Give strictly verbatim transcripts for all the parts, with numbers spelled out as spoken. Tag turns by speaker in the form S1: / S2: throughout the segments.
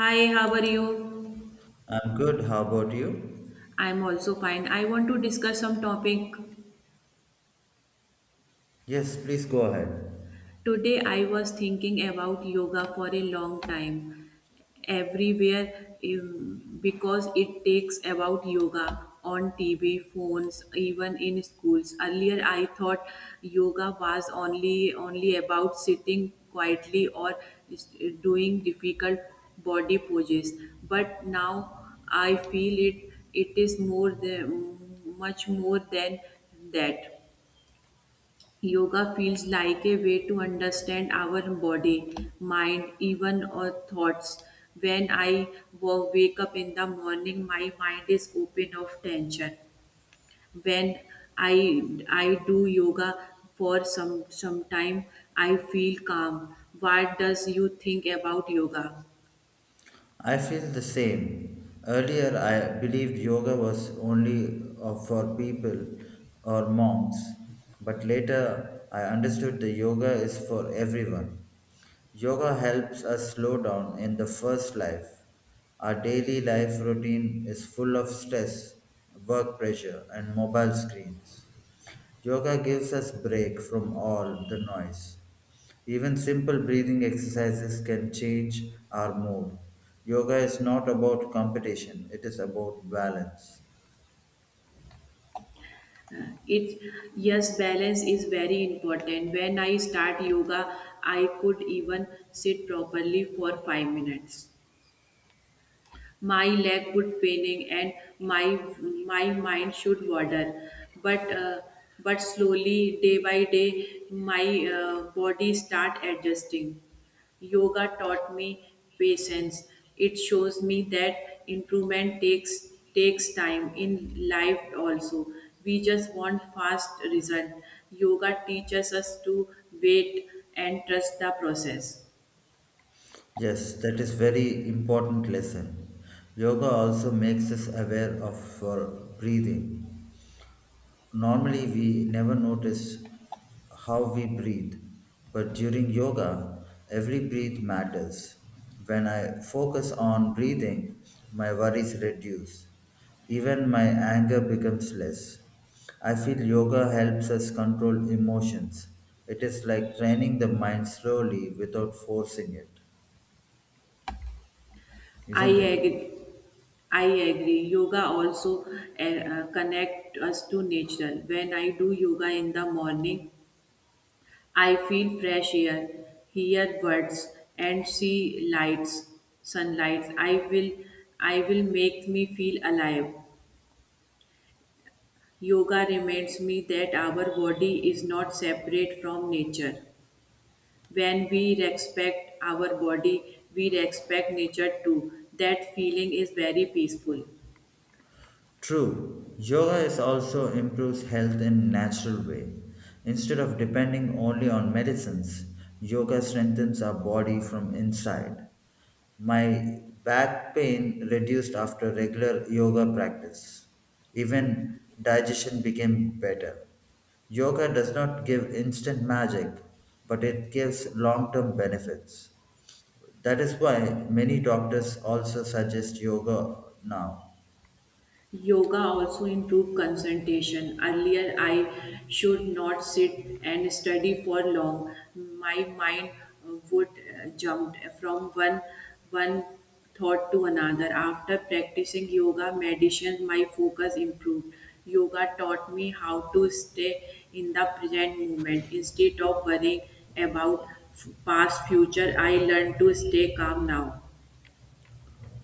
S1: Hi, how are you?
S2: I'm good. How about you?
S1: I'm also fine. I want to discuss some topic.
S2: Yes, please go ahead.
S1: Today I was thinking about yoga for a long time everywhere um, because it takes about yoga on T V, phones, even in schools. Earlier I thought yoga was only only about sitting quietly or s- doing difficult body poses, but now I feel it it is more than much more than that. Yoga feels like a way to understand our body, mind, even our thoughts. When I wo- wake up in the morning, my mind is open of tension. When I I do yoga for some some time, I feel calm. What does you think about yoga?
S2: I feel the same. Earlier, I believed yoga was only uh, for people or monks, but later I understood the yoga is for everyone. Yoga helps us slow down in the first life. Our daily life routine is full of stress, work pressure, and mobile screens. Yoga gives us break from all the noise. Even simple breathing exercises can change our mood. Yoga is not about competition, it is about balance.
S1: It, yes, balance is very important. When I start yoga, I could even sit properly for five minutes. My leg would paining and my my mind should wander, but uh, but slowly day by day my uh, body start adjusting. Yoga taught me patience. It shows me that improvement takes takes time. In life also we just want fast result. Yoga teaches us to wait and trust the process.
S2: Yes, that is very important lesson. Yoga also makes us aware of our breathing. Normally, we never notice how we breathe, but during yoga, every breath matters. When I focus on breathing, my worries reduce. Even my anger becomes less. I feel yoga helps us control emotions. It is like training the mind slowly without forcing it,
S1: i
S2: isn't it?
S1: agree I agree. Yoga also uh, uh, connect us to nature. When I do yoga in the morning, I feel fresh air, hear birds, and see lights, sunlight. I will, I will make me feel alive. Yoga reminds me that our body is not separate from nature. When we respect our body, we respect nature too. That feeling is very peaceful.
S2: True, yoga is also improves health in natural way. Instead of depending only on medicines, yoga strengthens our body from inside. My back pain reduced after regular yoga practice. Even digestion became better. Yoga does not give instant magic, but it gives long-term benefits. That is why many doctors also suggest yoga now.
S1: Yoga also improve concentration. Earlier, I should not sit and study for long. My mind uh, would uh, jump from one one thought to another. After practicing yoga meditation, my focus improved. Yoga taught me how to stay in the present moment instead of worrying about f- past future. I learned to stay calm now.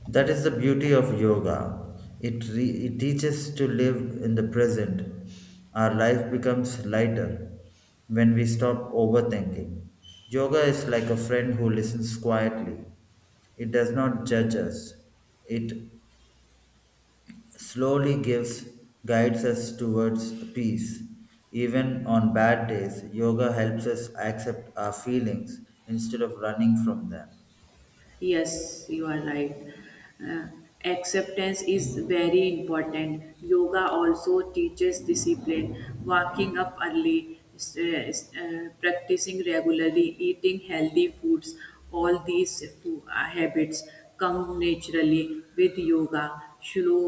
S2: That is the beauty of yoga. It, re- it teaches to live in the present. Our life becomes lighter when we stop overthinking. Yoga is like a friend who listens quietly. It does not judge us. It slowly gives guides us towards peace. Even on bad days, yoga helps us accept our feelings instead of running from them.
S1: Yes, you are right. Uh, Acceptance is very important. Yoga also teaches discipline, waking up early, s- uh, s- uh, practicing regularly, eating healthy foods. All these fo- uh, habits come naturally with yoga. Slow,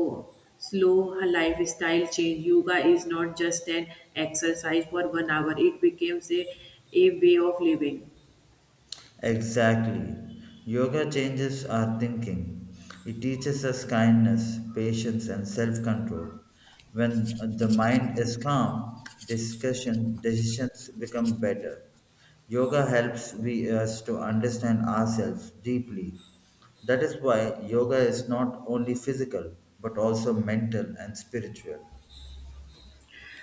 S1: slow lifestyle change. Yoga is not just an exercise for one hour, it becomes a, a way of living.
S2: Exactly. Yoga changes our thinking. It teaches us kindness, patience, and self control. When the mind is calm, discussion decisions become better. Yoga helps we, us to understand ourselves deeply. That is why yoga is not only physical but also mental and spiritual.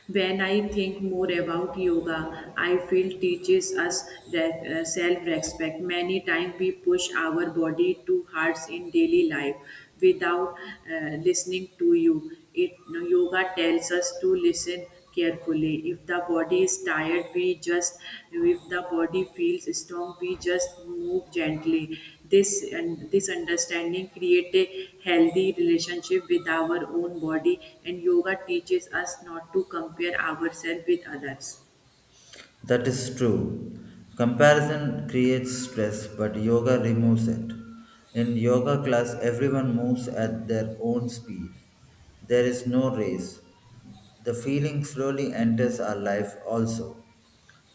S1: When I think more about yoga, I feel teaches us re- uh, self-respect. Many times we push our body too hard in daily life without uh, listening to you. It yoga tells us to listen carefully. If the body is tired we just, if the body feels strong we just move gently, this and this understanding create a healthy relationship with our own body. And yoga teaches us not to compare ourselves with others.
S2: That is true. Comparison creates stress, but yoga removes it. In yoga class, everyone moves at their own speed. There is no race. The feeling slowly enters our life also.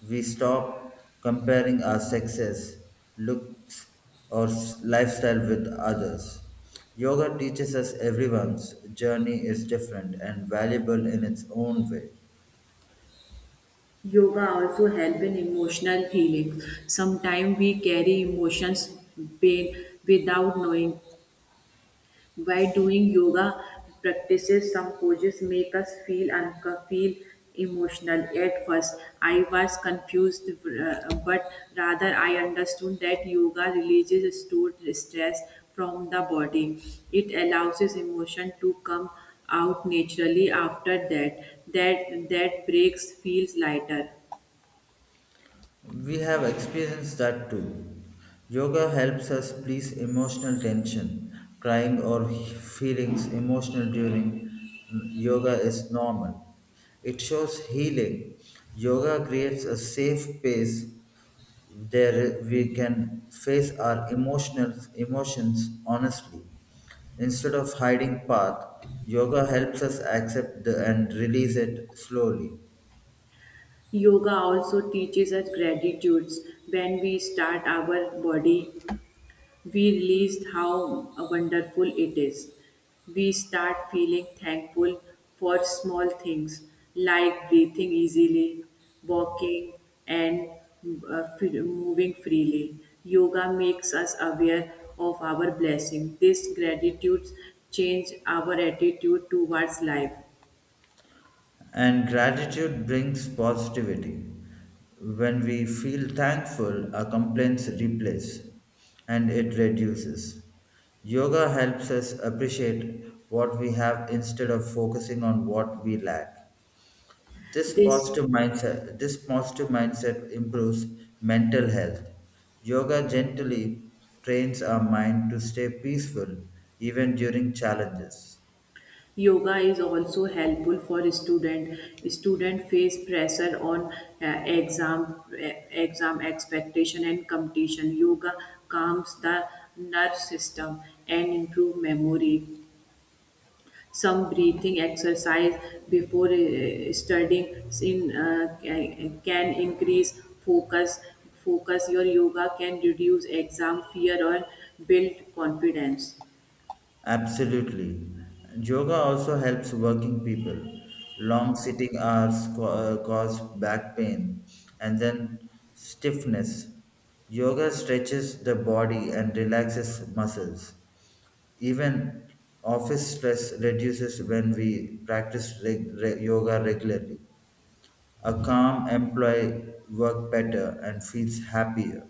S2: We stop comparing our success, looks, or s- lifestyle with others. Yoga teaches us everyone's journey is different and valuable in its own way.
S1: Yoga also help in emotional healing. Sometimes we carry emotions, pain, without knowing. By doing yoga practices, some poses make us feel unco- feel emotional. At first, I was confused, uh, but rather I understood that yoga releases stored stress from the body. It allows his emotion to come out naturally. After that, that that breaks feels lighter.
S2: We have experienced that too. Yoga helps us release emotional tension. Crying or feelings emotional during yoga is normal. It shows healing. Yoga creates a safe space there we can face our emotional emotions honestly. Instead of hiding path, yoga helps us accept the, and release it slowly.
S1: Yoga also teaches us gratitudes. When we start our body we realized how wonderful it is. We start feeling thankful for small things like breathing easily, walking, and uh, f- moving freely. Yoga makes us aware of our blessing. This gratitude change our attitude towards life.
S2: And gratitude brings positivity. When we feel thankful, our complaints replace and it reduces. Yoga helps us appreciate what we have instead of focusing on what we lack. This
S1: This
S2: positive mindset, this positive mindset improves mental health. Yoga gently trains our mind to stay peaceful even during challenges.
S1: yoga is also helpful for student. Student face pressure on uh, exam, uh, exam expectation and competition. Yoga calms the nerve system and improve memory. Some breathing exercise before uh, studying in, uh, ca- can increase focus. Focus your yoga can reduce exam fear or build confidence.
S2: Absolutely. Yoga also helps working people. Long sitting hours co- uh, cause back pain and then stiffness. Yoga stretches the body and relaxes muscles. Even office stress reduces when we practice reg- re- yoga regularly. A calm employee works better and feels happier.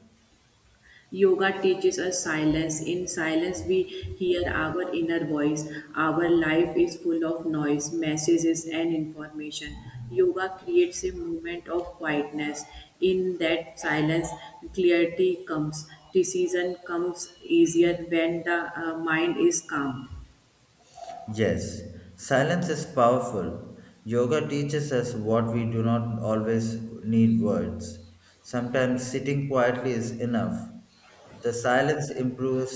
S1: Yoga teaches us silence. In silence, we hear our inner voice. Our life is full of noise, messages, and information. Yoga creates a moment of quietness. In that silence, clarity comes. Decision comes easier when the uh, mind is calm.
S2: Yes, silence is powerful. Yoga teaches us what we do not always need words. Sometimes sitting quietly is enough. The silence improves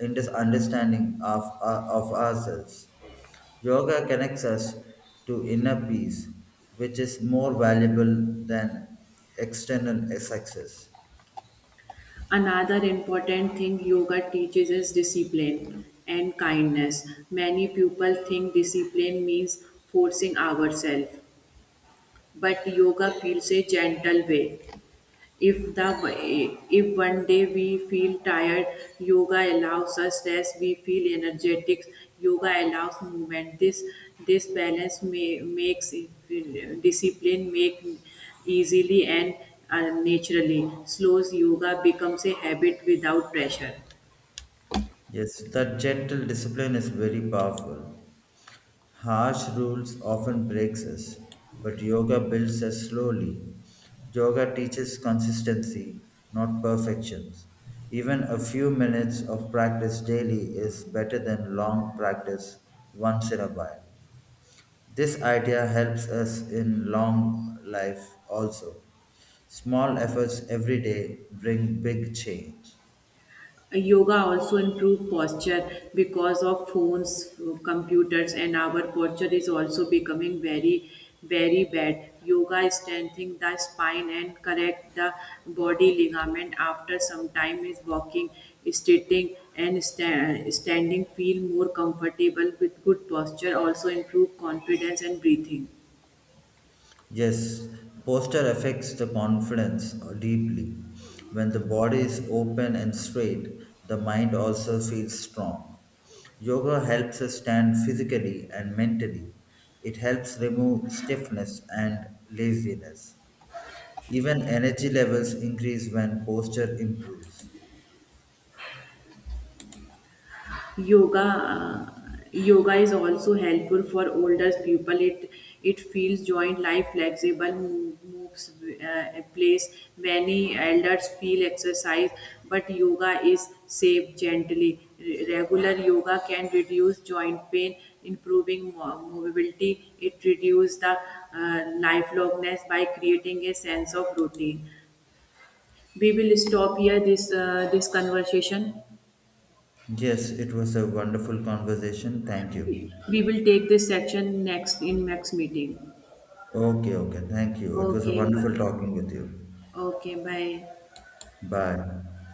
S2: in this understanding of, uh, of ourselves. Yoga connects us to inner peace, which is more valuable than external success.
S1: Another important thing yoga teaches is discipline and kindness. Many people think discipline means forcing ourselves, but yoga feels a gentle way. if the if one day we feel tired, yoga allows us rest. We feel energetic, yoga allows movement. This this balance may, makes discipline make easily and uh, naturally. Slows yoga becomes a habit without pressure.
S2: Yes, that gentle discipline is very powerful. Harsh rules often breaks us, but yoga builds us slowly. Yoga teaches consistency, not perfections. Even a few minutes of practice daily is better than long practice once in a while. This idea helps us in long life also. Small efforts every day bring big change.
S1: Yoga also improve posture because of phones, computers, and our posture is also becoming very, very bad. Yoga strengthens the spine and correct the body ligament. After some time is walking, sitting, and sta- standing. Feel more comfortable with good posture. Also improve confidence and breathing.
S2: Yes, posture affects the confidence uh, deeply. When the body is open and straight, the mind also feels strong. Yoga helps us stand physically and mentally. It helps remove stiffness and laziness. Even energy levels increase when posture improves.
S1: yoga uh, Yoga is also helpful for older people. It it feels joint life flexible, mo- moves uh, a place. Many elders feel exercise, but yoga is safe, gently. Re- regular yoga can reduce joint pain, improving mo- mobility. It reduces the uh, lifelongness by creating a sense of routine. We will stop here this uh, this conversation.
S2: Yes, it was a wonderful conversation. Thank you.
S1: We will take this section next in next meeting.
S2: Okay, okay. Thank you. It was a
S1: Okay, bye.
S2: wonderful talking with you.
S1: Okay, bye.
S2: Bye.